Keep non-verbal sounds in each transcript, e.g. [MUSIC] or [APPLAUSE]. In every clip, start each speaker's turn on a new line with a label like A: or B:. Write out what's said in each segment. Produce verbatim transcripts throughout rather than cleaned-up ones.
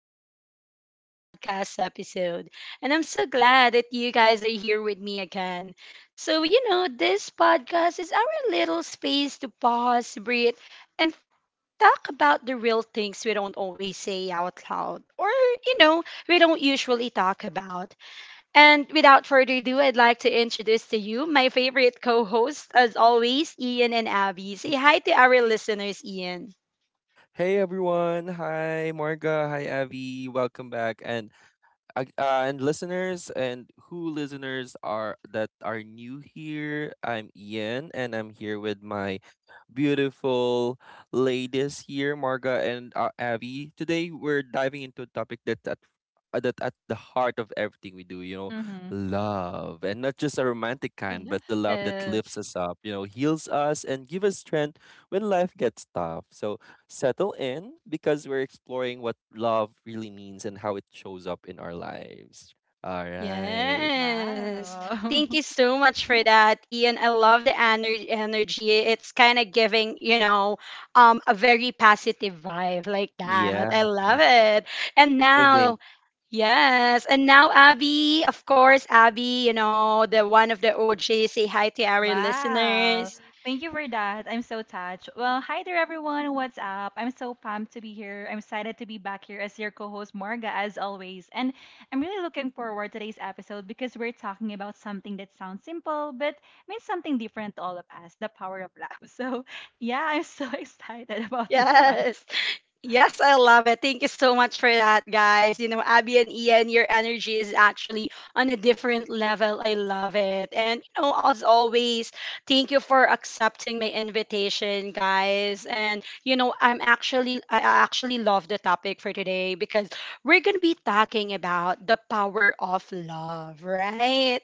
A: welcome back to another podcast episode. And I'm so glad that you guys are here with me again. So, you know, this podcast is our little space to pause, breathe, and talk about the real things we don't always say out loud or, you know, we don't usually talk about. And without further ado, I'd like to introduce to you my favorite co host, as always, Ian and Abby. Say hi to our listeners, Ian.
B: Hey everyone. Hi Marga. Hi Avi. Welcome back. And uh, uh, and listeners and who listeners are that are new here. I'm Ian and I'm here with my beautiful ladies here, Marga and uh, Avi. Today we're diving into a topic that at uh, that at the heart of everything we do, you know,
C: Mm-hmm.
B: love, and not just a romantic kind, but the love that
A: Yes.
B: lifts us up, you know, heals us and gives us strength when life gets tough. So settle in because we're exploring what love really means and how it shows up in our lives. All right.
A: Yes.
C: Wow.
A: Thank you
C: [LAUGHS]
A: so much for that, Ian. I love the ener- energy. It's kind of giving, you know, um, a very positive vibe like that. I
B: Yeah.
A: love it. And
B: Giving.
A: now, yes. And now, Abby, of course, Abby, you know, the one of the O J, say hi to our listeners.
C: Wow. Thank you for that. I'm so touched. Well, hi there, everyone. What's up? I'm so pumped to be here. I'm excited to be back here as your co host, Marga, as always. And I'm really looking forward to today's episode because we're talking about something that sounds simple, but means something different to all of us: the power of love. [LAUGHS] So, yeah, I'm so [LAUGHS] excited about this one.
A: Yes. Yes, I love it. Thank you so much for that, guys. You know, Abby and Ian, your energy is actually on a different level. I love it. And, you know, as always, thank you for accepting my invitation, guys. And, you know, I'm actually, I I actually love the topic for today because we're going to be talking about the power of love, right?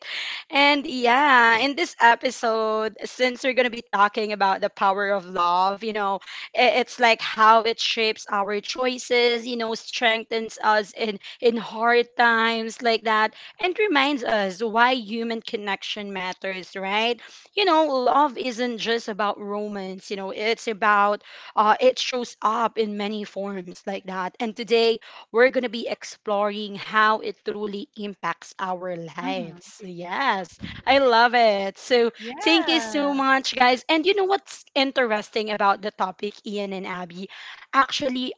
A: And yeah, in this episode, since we're going to be talking about the power of love, you know, I- it's like how it shapes our choices, you know, strengthens us in in hard times like that, and reminds us why human connection matters, right? You know, love isn't just about romance. You know, it's about uh, it shows up in many forms like that. And today we're gonna be exploring how it truly impacts our
C: Mm-hmm.
A: lives. Yes, I love it. So thank you so
C: Yeah.
A: much, guys. And you know what's interesting about the topic, Ian and Abby? Actually,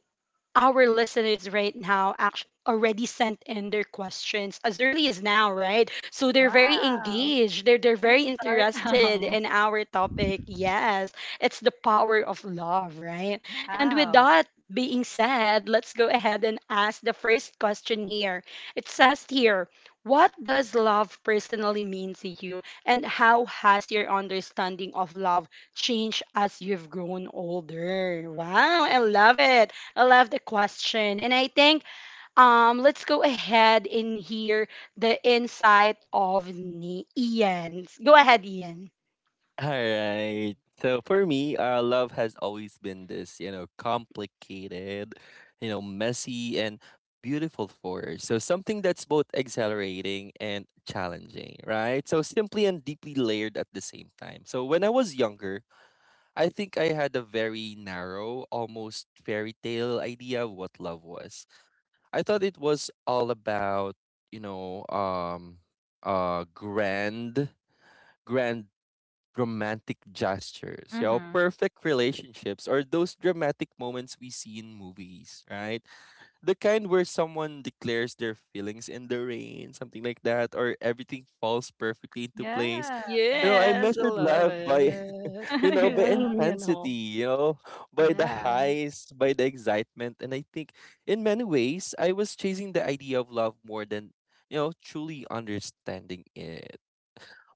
A: our listeners right now actually already sent in their questions as early as now, right? So they're very
C: Wow.
A: engaged. They're they're
C: Let's
A: very
C: start
A: interested
C: now.
A: in
C: [LAUGHS]
A: our topic. Yes, it's the power of love, right? And with
C: Wow.
A: that being said, let's go ahead and ask the first question here. It says here, what does love personally mean to you and how has your understanding of love changed as you've grown older? Wow, I love it. I love the question. And I think um let's go ahead and hear the insight of Ni- Ian. Go ahead, Ian.
B: All right. So for me, uh, love has always been this, you know, complicated, you know, messy and beautiful force. So something that's both exhilarating and challenging, right? So simply and deeply layered at the same time. So when I was younger, I think I had a very narrow, almost fairy tale idea of what love was. I thought it was all about, you know, um, uh, grand, grand dramatic gestures, you know,
C: Mm-hmm.
B: perfect relationships, or those dramatic moments we see in movies, right? The kind where someone declares their feelings in the rain, something like that, or everything falls perfectly into place.
C: Yeah.
B: You know, I
A: Yes, I
B: measured
A: love
B: love by,
A: it.
B: [LAUGHS] you
C: [LAUGHS]
A: [LAUGHS]
B: know, by
C: Yeah.
A: you know.
B: intensity, you know, by the
A: Yeah.
B: highs, by the excitement. And I think in many ways, I was chasing the idea of love more than, you know, truly understanding it.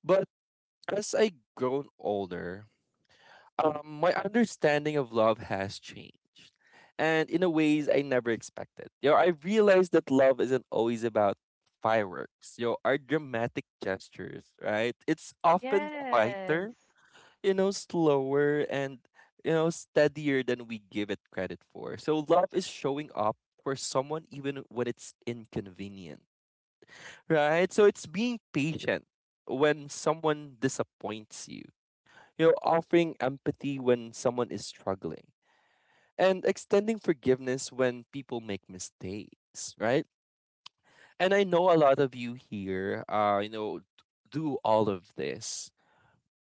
B: But as I grown older, um, my understanding of love has changed, and in a ways I never expected. You know, I realized that love isn't always about fireworks. You know, our dramatic gestures, right? It's often quieter,
C: Yes.
B: you know, slower, and you know, steadier than we give it credit for. So love is showing up for someone even when it's inconvenient, right? So it's being patient when someone disappoints you, you know, offering empathy when someone is struggling, and extending forgiveness when people make mistakes, right? And I know a lot of you here, uh, you know, do all of this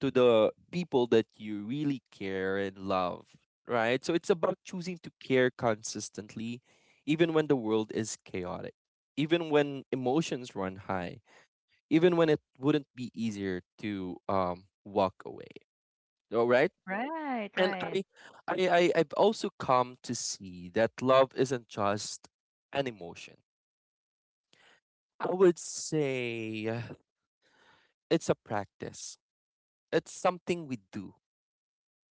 B: to the people that you really care and love, right? So it's about choosing to care consistently, even when the world is chaotic, even when emotions run high, even when it wouldn't be easier to um, walk away. All right.
C: Right,
B: And
C: right.
B: I, I, I, I've also come to see that love isn't just an emotion. I would say uh, it's a practice. It's something we do,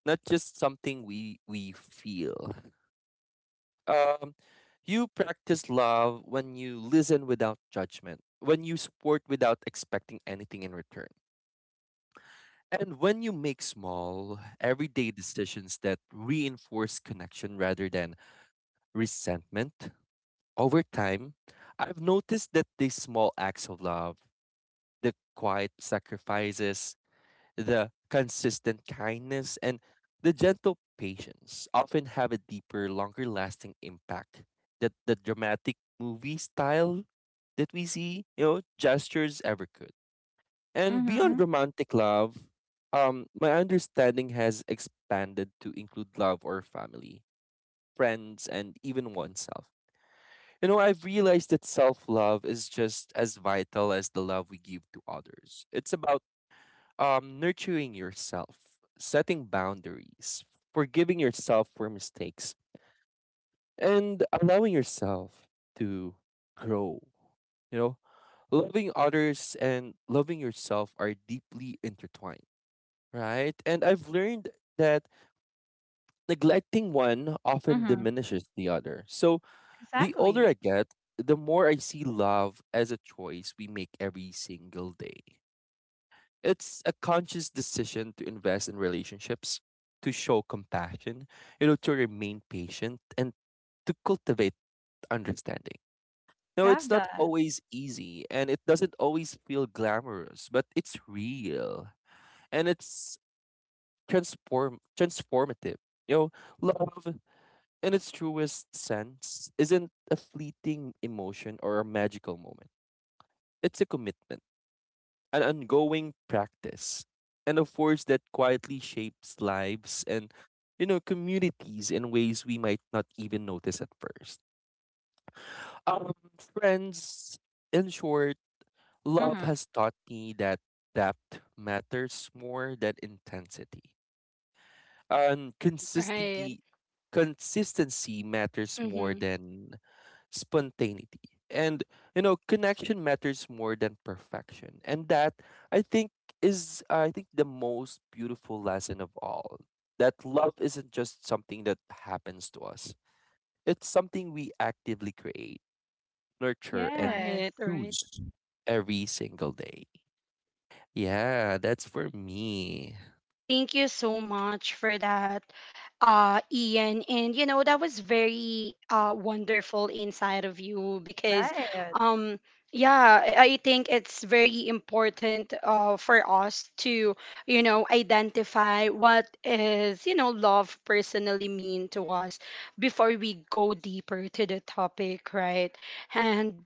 B: not just something we we feel. Um, you practice love when you listen without judgment, when you support without expecting anything in return, and when you make small, everyday decisions that reinforce connection rather than resentment. Over time, I've noticed that these small acts of love, the quiet sacrifices, the consistent kindness, and the gentle patience often have a deeper, longer lasting impact that the dramatic movie style that we see, you know, gestures ever could. And beyond
C: Mhm,
B: romantic love, um, my understanding has expanded to include love or family, friends, and even oneself. You know, I've realized that self-love is just as vital as the love we give to others. It's about um nurturing yourself, setting boundaries, forgiving yourself for mistakes, and allowing yourself to grow. You know, loving others and loving yourself are deeply intertwined, right? And I've learned that neglecting one often
C: mhm.
B: diminishes the other. So the older
C: Exactly.
B: I get, the more I see love as a choice we make every single day. It's a conscious decision to invest in relationships, to show compassion, you know, to remain patient and to cultivate understanding. No,
C: Love
B: it's not
C: that.
B: always easy and it doesn't always feel glamorous, but it's real and it's transform transformative. You know, love in its truest sense isn't a fleeting emotion or a magical moment. It's a commitment, an ongoing practice, and a force that quietly shapes lives and you know communities in ways we might not even notice at first. Um, friends, in short, love
C: Mhm.
B: has taught me that depth matters more than intensity, and
A: Right.
B: consistency consistency matters
A: Mm-hmm.
B: more than spontaneity. And you know, connection matters more than perfection. And that I think is I think the most beautiful lesson of all. That love isn't just something that happens to us. It's something we actively create, nurture and
C: Yes.
A: Right, right.
B: choose every single day. Yeah, that's for me.
A: Thank you so much for that, uh, Ian. And you know, that was very uh wonderful inside of you because
C: Right.
A: um yeah, I I think it's very important uh for us to, you know, identify what is, you know, love personally mean to us before we go deeper to the topic, right? And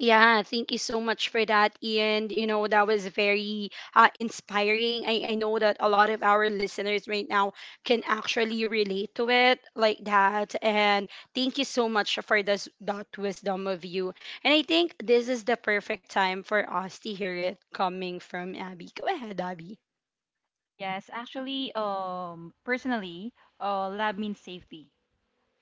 A: yeah, thank you so much for that, Ian. You know, that was very uh, inspiring. I, I know that a lot of our listeners right now can actually relate to it like that. And thank you so much for this, that wisdom of you. And I think this is the perfect time for us to hear it coming from Abby. Go ahead, Abby. [LAUGHS]
C: Yes, actually, um, personally, uh, lab means safety.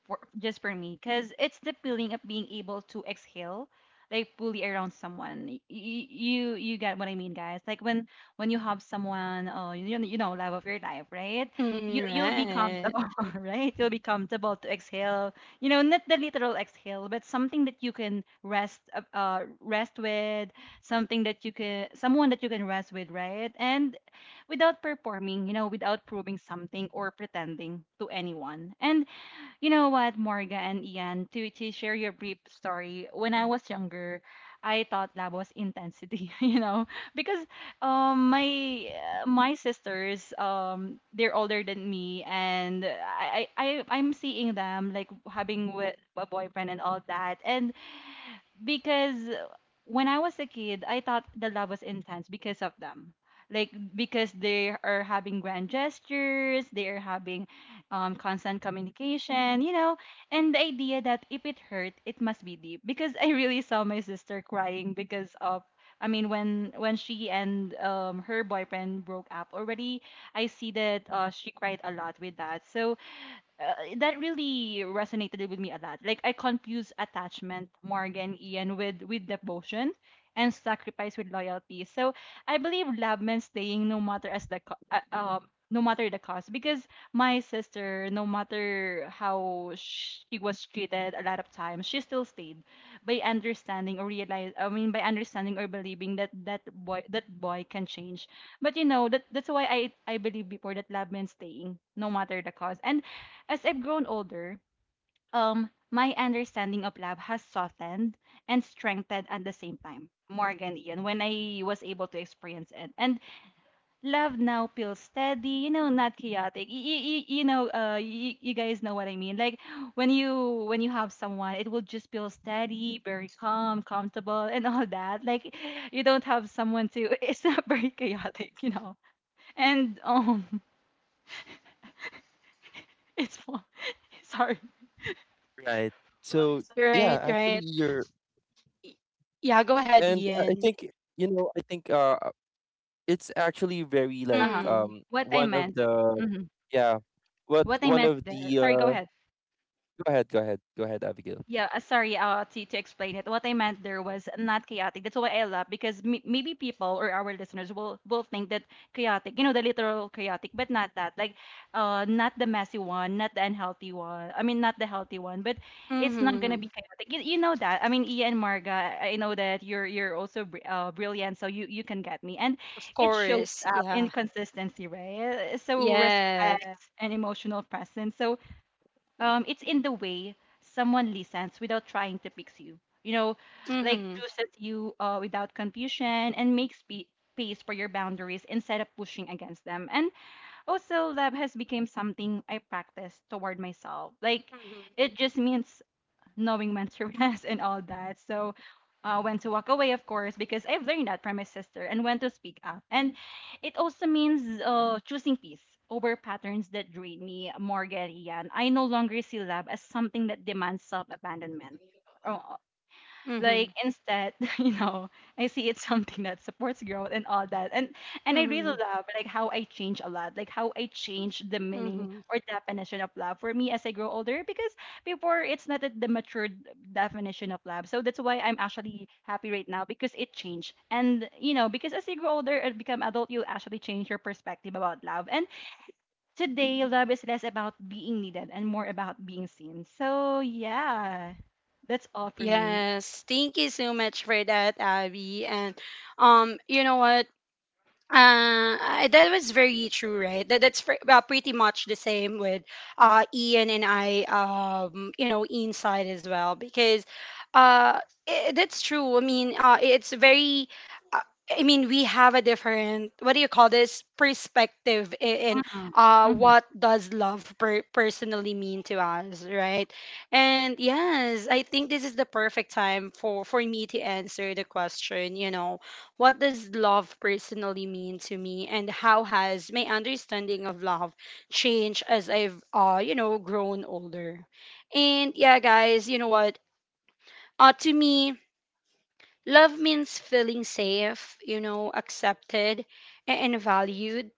C: for, Just for me, because it's the feeling of being able to exhale, like, fully around someone. Y- y- you you get what I mean, guys? Like, when when you have someone, oh, you, know- you know, love of your life, right? you
A: Mhm,
C: you'll be
A: right.
C: comfortable, [LAUGHS] right? You'll be comfortable to exhale, you know, not the literal exhale, but something that you can rest, uh uh, rest with, something that you can someone that you can rest with, right? And without performing, you know, without proving something or pretending to anyone. And you know what, Morga and Ian, to, to share your brief story, when I was younger, I thought that was intensity, [LAUGHS] you know, because um my uh, my sisters um they're older than me, and I I I- I'm seeing them, like, having with a boyfriend and all that. And because when I was a kid, I thought the love was intense because of them. Like, because they are having grand gestures, they are having, um, constant communication, you know, and the idea that if it hurt, it must be deep. Because I really saw my sister crying because of, I mean, when when she and, um, her boyfriend broke up already, I see that, uh, she cried a lot with that. So, uh, that really resonated with me a lot. Like, I confuse attachment, Morgan, Ian, with with devotion and sacrifice with loyalty. So I believe love meant staying no matter, as the co- uh, um no matter the cost, because my sister, no matter how she was treated a lot of times, she still stayed, by understanding or realize I mean, by understanding or believing that that boy that boy can change. But, you know, that that's why i i believe before that love meant staying no matter the cost. And as I've grown older, um, my understanding of love has softened and strengthened at the same time, Morgan, Ian, when I was able to experience it. And love now feels steady, you know, not chaotic. Y- y- y- you know, uh, y- you guys know what I mean. Like, when you when you have someone, it will just feel steady, very calm, comfortable, and all that. Like, you don't have someone to. [LAUGHS] It's not very chaotic, you know. And um, [LAUGHS] it's fun. [LAUGHS] Sorry.
B: Right. So, yeah,
A: Right,
B: actually
A: right.
B: you're
A: Y- Yeah, go ahead,
B: and I I
A: Ian.
B: think you know, I think uh it's actually very
C: Uh
B: like
C: huh.
B: um
A: Mm,
C: What I
B: one of
C: meant.
B: the
C: Mhm.
B: yeah what
C: What I
B: one
C: meant
B: of the
C: there, sorry, go
B: uh
C: ahead.
B: go ahead go ahead go ahead Abigail
C: Yeah, uh, sorry, uh, to, to explain it. What I meant there was not chaotic. That's why I love, because m- maybe people or our listeners will will think that chaotic, you know, the literal chaotic, but not that. Like, uh, not the messy one, not the unhealthy one. I mean, not the healthy one, but it's not gonna
A: mm-hmm.
C: be chaotic. You, you know that. I mean, Ia and Marga, I know that you're you're also br- uh, brilliant, so you you can get me. And
A: Of
C: it shows
A: course.
C: up in
A: Yeah.
C: consistency, right? So,
A: Yes.
C: respect and emotional presence. So, um, it's in the way someone listens without trying to fix you. You know, like,
A: Mm-hmm.
C: chooses you uh, without confusion, and makes spe- space for your boundaries instead of pushing against them. And also, love has become something I practice toward myself. Like, it just means knowing when to [LAUGHS] rest and all that. So, uh, when to walk away, of course, because I've learned that from my sister, and when to speak up. And it also means, uh, choosing peace over patterns that drain me, more Morgan, Ian. I no longer see love as something that demands self abandonment.
A: Mm-hmm.
C: Like, instead, [LAUGHS] you know, I see it's something that supports growth and all that. and and I really
A: Mm-hmm.
C: love, like, how I change a lot, like how I change the meaning
A: Mm-hmm.
C: or definition of love for me as I grow older, because before it's not the the matured definition of love. So that's why I'm actually happy right now because it changed. And, you know, because as you grow older and become adult, you actually change your perspective about love. And today, love is less about being needed and more about being seen. So yeah, that's all for me.
A: Yes. Thank you so much for that, Abby. And um, you know what? Uh, I- that was very true, right? That that's fr- uh, pretty much the same with uh, Ian and I, um, you know, inside as well because uh, I that's true. I mean, uh, it's very. uh, I mean, we have a different what do you call this perspective in, in
C: Mhm,
A: uh,
C: mhm,
A: what does love per- personally mean to us, right? And yes, I think this is the perfect time for for me to answer the question. You know what does love personally mean to me, and how has my understanding of love changed as I've, uh, you know, grown older? And yeah, guys, you know what? Uh, to me, love means feeling safe, you know, accepted a- and valued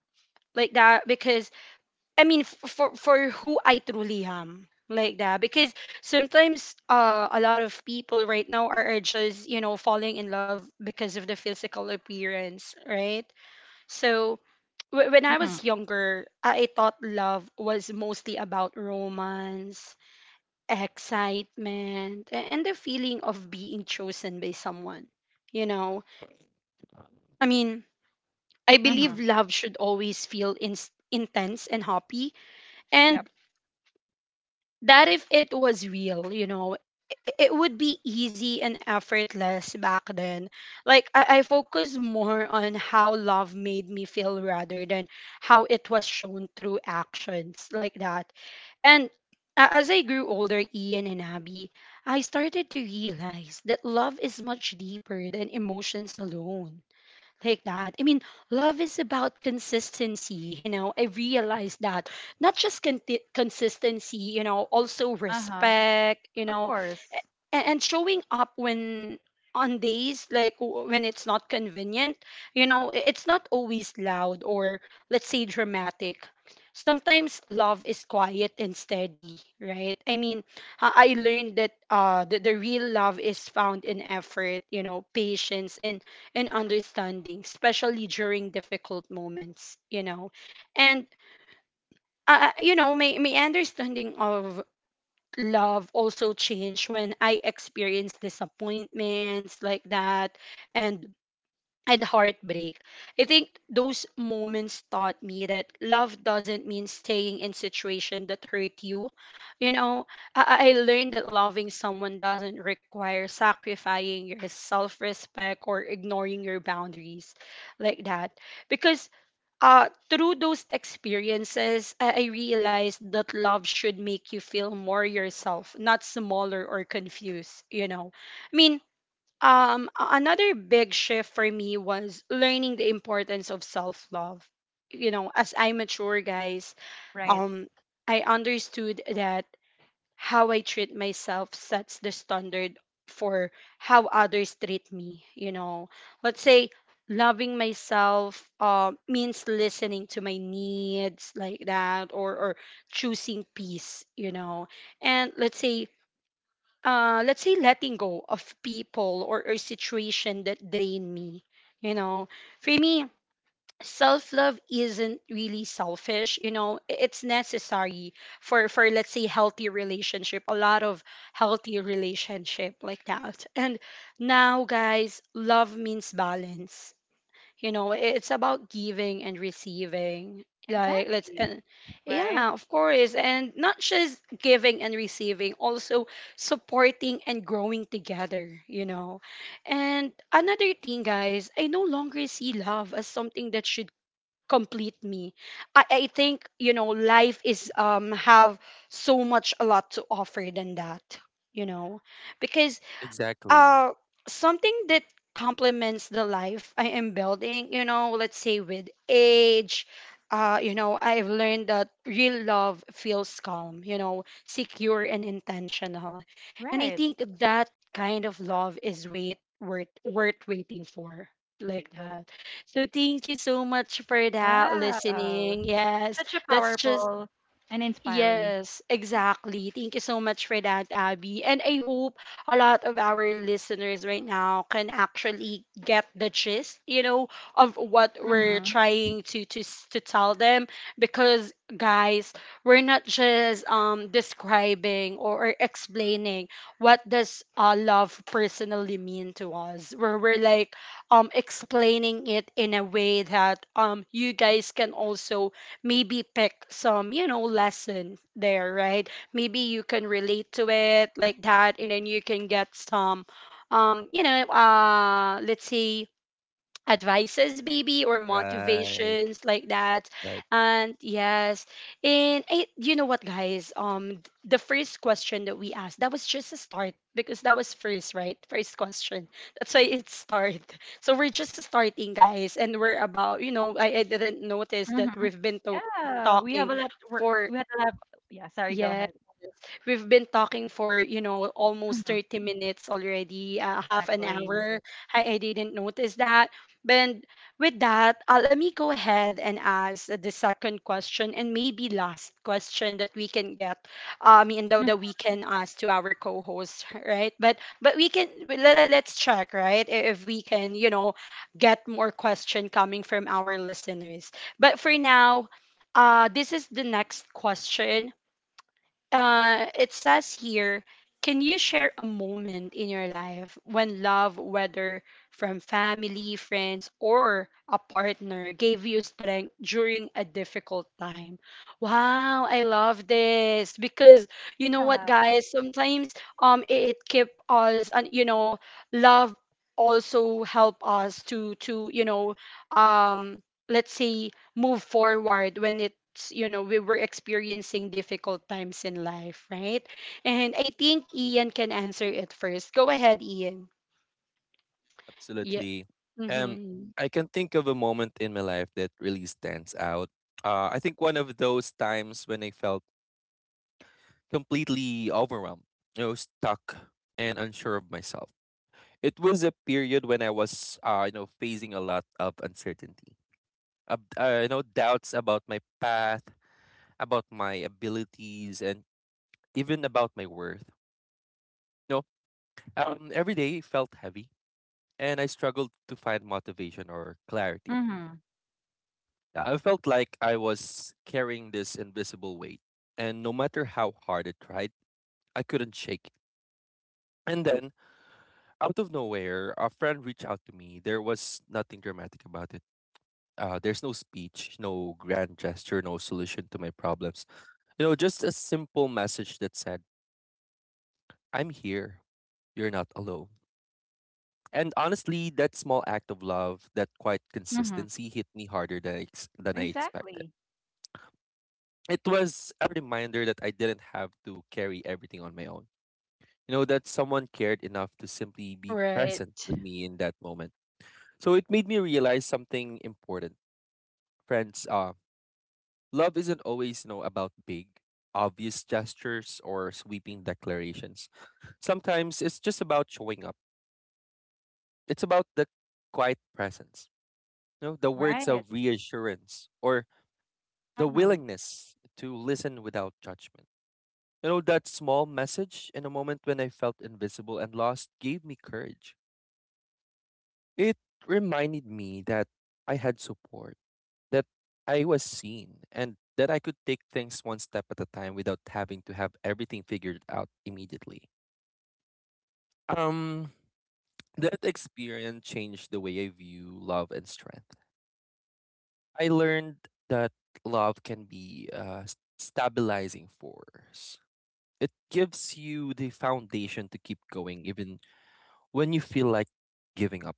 A: like that. Because I mean, f- for for who I truly am, like that. Because sometimes uh, a lot of people right now are, are just you know falling in love because of the physical appearance, right? So wh- when I
C: mhm,
A: was younger, I thought love was mostly about romance, excitement, a- and the feeling of being chosen by someone. You know, I mean, I believe
C: mhm.
A: love should always feel in- intense and happy,
C: Yep.
A: and that if it was real, you know, it, it would be easy and effortless back then. Like, I, I focused more on how love made me feel rather than how it was shown through actions like that. And a- as I grew older, Ian and Abby, I started to realize that love is much deeper than emotions alone like that. I mean, love is about consistency. You know, I realized that not just con- consistency, you know, also
C: Uh-huh,
A: respect, you
C: of
A: know,
C: course.
A: and, and showing up when on days like w- when it's not convenient. You know, i- it's not always loud or let's say dramatic. Sometimes love is quiet and steady, right? I mean, i I learned that uh the, the real love is found in effort, you know, patience and and understanding, especially during difficult moments, you know. And uh, you know, my, my understanding of love also changed when I experienced disappointments like that and and heartbreak. I think those moments taught me that love doesn't mean staying in situation that hurt you. You know, I, I learned that loving someone doesn't require sacrificing your self-respect or ignoring your boundaries like that. Because uh, through those experiences, I, I realized that love should make you feel more yourself, not smaller or confused, you know. I mean, um, a- another big shift for me was learning the importance of self love. You know, as I mature, guys,
C: Right.
A: um, I understood that how I treat myself sets the standard for how others treat me, you know. Let's say loving myself uh, means listening to my needs like that or or choosing peace, you know. And let's say uh let's say letting go of people or, or situation that drain me, you know. For me, self love isn't really selfish, you know, i- it's necessary for for let's say healthy relationship, a lot of healthy relationship like that. And now, guys, love means balance. You know, i- it's about giving and receiving like let's
C: Exactly.
A: and
C: Right.
A: yeah, of course, and not just giving and receiving also supporting and growing together, you know. And another thing, guys, I no longer see love as something that should complete me. I, I think, you know, life is um have so much a lot to offer than that, you know. Because
B: exactly
A: uh something that complements the life I am building, you know, let's say with age, uh, you know, I've learned that real love feels calm, you know, secure and intentional. And I
C: Right.
A: think that kind of love is wait worth worth waiting for. Like that. So thank you so much for that
C: Wow.
A: listening. Yes.
C: Such a
A: That's just
C: powerful and inspiring.
A: yes, exactly. Thank you so much for that, Abby. And I hope a lot of our listeners right now can actually get the gist, you know, of what we're
C: Mm-hmm.
A: trying to to s- to tell them because guys, we're not just um describing or, or explaining what does uh, love personally mean to us. Where we're like um explaining it in a way that um you guys can also maybe pick some, you know, lesson there, right? Maybe you can relate to it like that, and then you can get some, um, you know, uh, let's say advices maybe or
B: right
A: motivations like that.
B: right
A: And yes, and I, you know what, guys, um th- the first question that we asked that was just a start because that was first, right? First question, that's why it's start. [LAUGHS] So we're just starting, guys, and we're about, you know, i, I didn't notice that
C: Mm-hmm.
A: we've been to-
C: Yeah. We have
A: talking
C: a lot to work.
A: for
C: We had a lot. Yeah. Sorry. Go
A: yeah.
C: ahead.
A: We've been talking for, you know, almost
C: Mm-hmm.
A: thirty minutes already, uh, half an
C: Exactly.
A: hour. I, I didn't notice that. But with that, uh, let me go ahead and ask the second question and maybe last question that we can get. Uh, I mean, though
C: Yeah.
A: that we can ask to our co-host, [LAUGHS] right? But but we can let, let's check, right? i- If we can, you know, get more question coming from our listeners. But for now, uh, this is the next question. Uh, it says here, can you share a moment in your life when love, whether from family, friends, or a partner, gave you strength during a difficult time? Wow, I love this because you know what, guys? Sometimes um, it, it keep us, and you know, love also help us to to you know um let's say move forward when it's you know we were experiencing difficult times in life, right? And I think Ian can answer it first. Go ahead, Ian. Yeah.
B: absolutely. um
A: Mm-hmm.
B: I can think of a moment in my life that really stands out. uh I think one of those times when I felt completely overwhelmed, you know, stuck and unsure of myself. It was a period when I was, uh you know, facing a lot of uncertainty, uh, uh, you know, doubts about my path, about my abilities and even about my worth. No, um, every day felt heavy, and I struggled to find motivation or clarity.
C: Mm-hmm.
B: Yeah, I felt like I was carrying this invisible weight, and no matter how hard I tried, I couldn't shake it. And then, out of nowhere, a friend reached out to me. There was nothing dramatic about it. Uh, there's no speech, no grand gesture, no solution to my problems. You know, just a simple message that said, I'm here. You're not alone. And honestly, that small act of love, that quiet
C: Mm-hmm.
B: consistency hit me harder than I, ex- than I expected.
C: Exactly.
B: It was a reminder that I didn't have to carry everything on my own. You know, that someone cared enough to simply be
A: Right.
B: present with me in that moment. So it made me realize something important. Friends, uh, love isn't always, you know, about big, obvious gestures or sweeping declarations. Sometimes it's just about showing up. It's about the quiet presence. No, the words
C: Right.
B: of reassurance or the
C: Mm-hmm.
B: willingness to listen without judgment. You know, that small message in a moment when I felt invisible and lost gave me courage. It reminded me that I had support, that I was seen, and that I could take things one step at a time without having to have everything figured out immediately. Um, that experience changed the way I view love and strength. I learned that love can be a s- stabilizing force. It gives you the foundation to keep going even when you feel like giving up.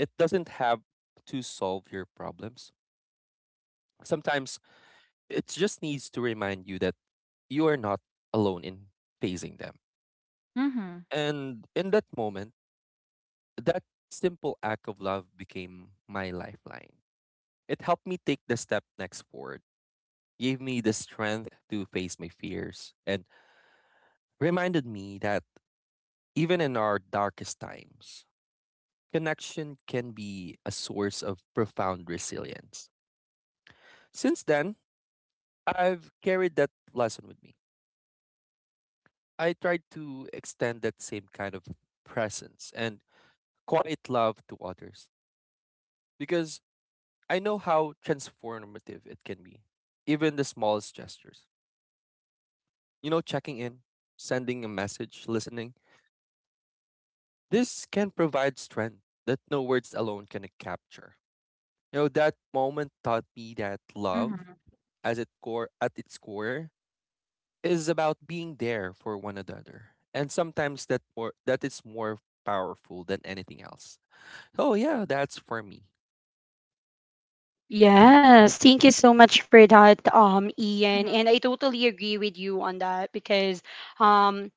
B: It doesn't have to solve your problems. Sometimes it just needs to remind you that you are not alone in facing them.
C: Mm-hmm.
B: And in that moment, that simple act of love became my lifeline. It helped me take the step next forward, gave me the strength to face my fears, and reminded me that even in our darkest times, connection can be a source of profound resilience. Since then, I've carried that lesson with me. I try to extend that same kind of presence and quiet love to others because I know how transformative it can be, even the smallest gestures. You know, checking in, sending a message, listening, this can provide strength that no words alone can capture. You know, that moment taught me that love,
C: Mm-hmm.
B: as it core at its core, is about being there for one another. And sometimes that more that is more powerful than anything else. Oh yeah, that's for me.
A: Yes, thank you so much for that, um, Ian. And I totally agree with you on that because, um,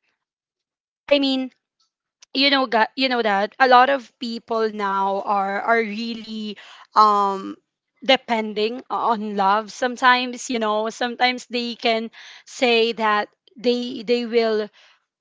A: I mean, you know gu- you know that a lot of people now are are really um depending on love sometimes. You know, sometimes they can say that they they will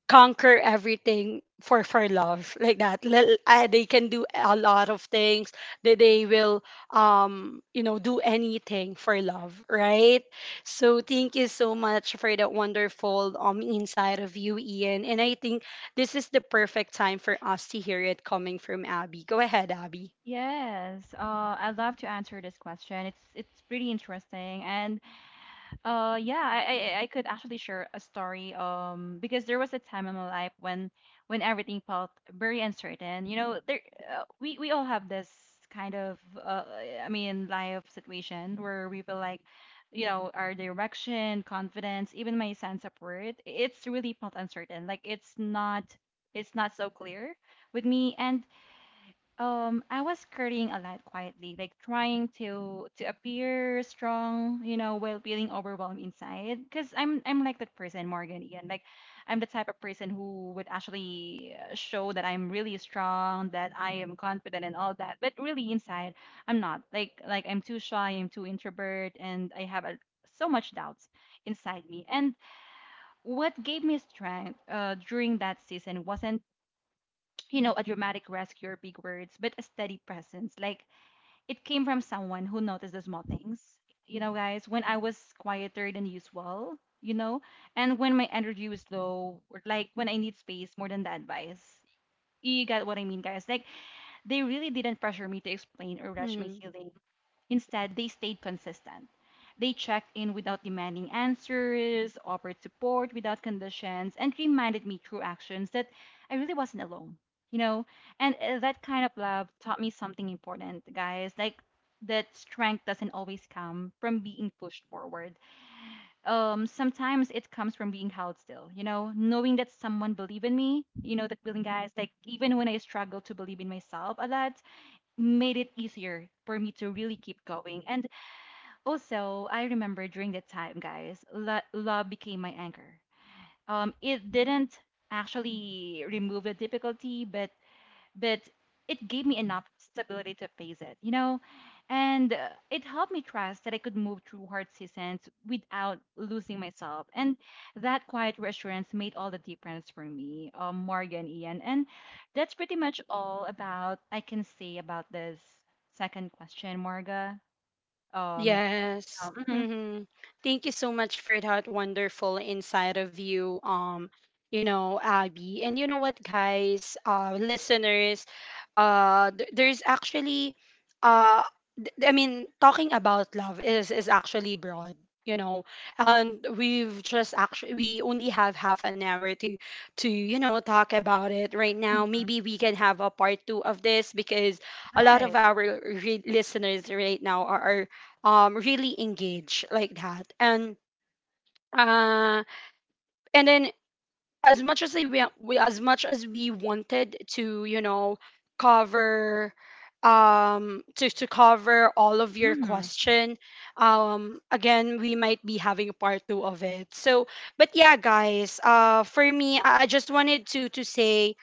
A: conquer everything for for love. Like that Lil- uh, they can do a lot of things. They, they will um you know do anything for love, right? So thank you so much for that wonderful um inside of you, Ian. And I think this is the perfect time for us to hear it coming from Abby. Go ahead, Abby.
C: Yes. Uh, I'd love to answer this question. It's it's pretty interesting. And Uh, yeah, I, I I could actually share a story. Um, because there was a time in my life when when everything felt very uncertain. You know, there uh, we we all have this kind of uh, I mean, life situation where we feel like, you know, our direction, confidence, even my sense of worth, it's really felt uncertain. Like, it's not it's not so clear with me, and um, I was currying a lot quietly, like, trying to to appear strong, you know, while feeling overwhelmed inside. Because I'm I'm like that person, Morgan, Ian. Like, I'm the type of person who would actually, uh, show that I'm really strong, that I am confident, and all that. But really inside, I'm not. Like, like I'm too shy, I'm too introvert, and I have a, so much doubts inside me. And what gave me strength, uh, during that season wasn't, you know, a dramatic rescue or big words, but a steady presence. Like, it came from someone who noticed the small things. You know, guys, when I was quieter than usual, you know, and when my energy was low, or like when I need space more than the advice. You got what I mean, guys. Like, they really didn't pressure me to explain or rush my healing. Instead, they stayed consistent. They checked in without demanding answers, offered support without conditions, and reminded me through actions that I really wasn't alone, you know? And, uh, that kind of love taught me something important, guys. Like, that strength doesn't always come from being pushed forward. Um, sometimes it comes from being held still, you know, knowing that someone believed in me, you know, that feeling, guys, like even when I struggled to believe in myself a lot, made it easier for me to really keep going. And also, I remember during that time, guys, lo- love became my anchor. Um, it didn't actually remove the difficulty, but but it gave me enough stability to face it, you know, and, uh, it helped me trust that I could move through hard seasons without losing myself. And that quiet reassurance made all the difference for me, um, Morgan, Ian, and that's pretty much all about I can say about this second question, Marga. Um,
A: Yes.
C: yeah. Mhm.
A: Mm-hmm. Thank you so much for that wonderful inside of you, um, you know, Abby. And you know what, guys? Uh, listeners, uh, th- there's actually, uh, th- I mean, talking about love is is actually broad. You know, and we've just actually we only have half an hour to to you know talk about it right now. Maybe we can have a part two of this because a lot
C: Right.
A: of our re- listeners right now are, are um really engage like that. And uh and then as much as they, wa- we, as much as we wanted to you know cover um to, to cover all of
C: Mm.
A: your
C: Mhm.
A: question. Um again, we might be having part two of it. So but yeah guys, uh for me, i I just wanted to to say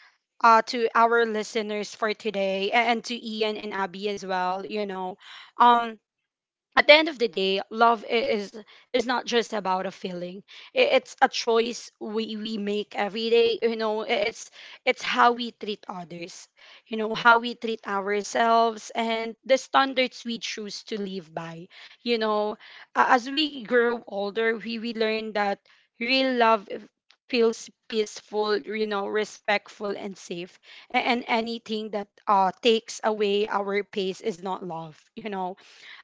A: uh to our listeners for today, a- and to Ian and Abby as well. You know, um at the end of the day, love i- is is not just about a feeling. I- It's a choice we, we make every day. You know, I- it's it's how we treat others. You know, how we treat ourselves and the standards we choose to live by. You know, A- as we grow older, we we learn that real love f- feels peaceful. You know, respectful and safe. A- And anything that uh takes away our pace is not love. You know,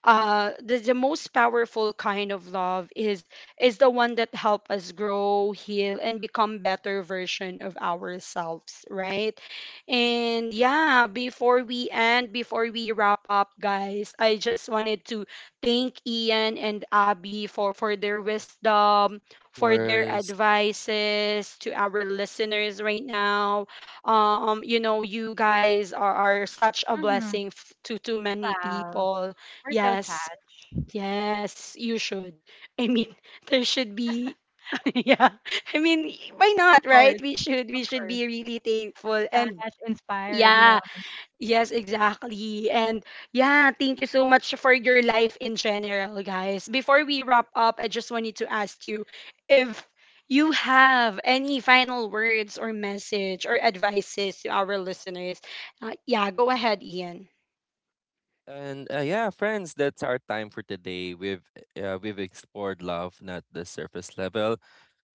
A: uh the, the most powerful kind of love is is the one that help us grow, heal, and become better version of ourselves, right? And yeah, before we end, before we wrap up guys, I just wanted to thank Ian and Abby for for their wisdom, for their
B: First,
A: advices to our listeners right now. Um you know, you guys are, are such a
C: Mm. Mhm.
A: blessing f- to to many
C: Wow,
A: people.
C: we're so
A: Yes,
C: touched.
A: yes, you should. I mean, [LAUGHS] there should be [LAUGHS] yeah. I mean, why not,
C: Of
A: right?
C: course,
A: We should
C: of
A: we should
C: course.
A: be really thankful. And
C: Touched, inspired, you know.
A: yeah, yes, exactly. And yeah, thank you so much for your life in general, guys. Before we wrap up, I just wanted to ask you if you have any final words or message or advices to our listeners. Uh, yeah, go ahead, Ian.
B: and uh, yeah, friends, that's our time for today. We've uh, we've explored love, not the surface level.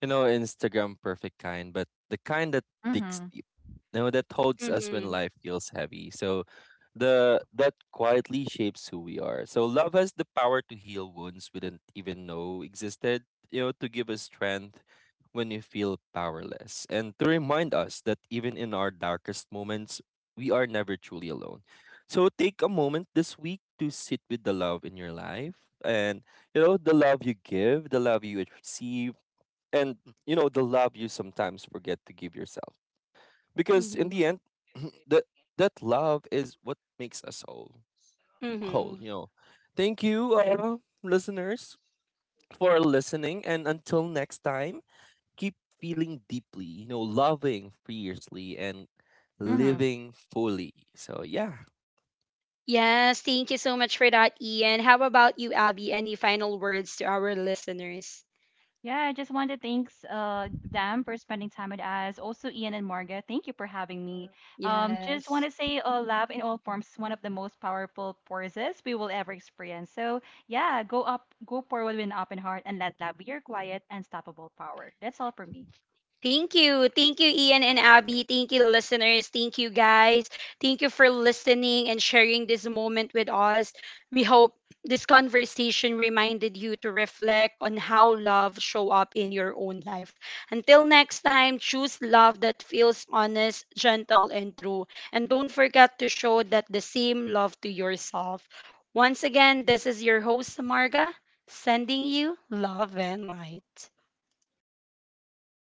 B: You know, Instagram perfect kind, but the kind that
C: Mm.
B: digs
C: Mhm.
B: deep. You know, that holds us when
A: Mhm.
B: life feels heavy. So the that quietly shapes who we are. So love has the power to heal wounds we didn't even know existed, you know, to give us strength when we feel powerless and to remind us that even in our darkest moments, we are never truly alone. So take a moment this week to sit with the love in your life and you know the love you give, the love you receive and you know the love you sometimes forget to give yourself because in
A: Mhm.
B: the end [CLEARS THROAT] that that love is what makes us whole, whole,
A: Mhm.
B: you know. Thank you, uh, listeners, for listening and until next time keep feeling deeply you know loving fiercely and
C: Mm. Mhm.
B: living fully so yeah.
A: Yes, thank you so much for that, Ian. How about you, Abby? Any final words to our listeners?
C: Yeah, I just want to thanks uh them for spending time with us. Also, Ian and Marga, thank you for having me. Um, just want
A: Yes.
C: to say, uh, love in all forms is one of the most powerful forces we will ever experience. So yeah, go up, go forward with an open heart, and let love be your quiet, unstoppable power. That's all for me.
A: Thank you. Thank you, Ian and Abby. Thank you, listeners. Thank you, guys. Thank you for listening and sharing this moment with us. We hope this conversation reminded you to reflect on how love show up in your own life. Until next time, choose love that feels honest, gentle, and true. And don't forget to show that the same love to yourself. Once again, this is your host, Samarga, sending you love and light.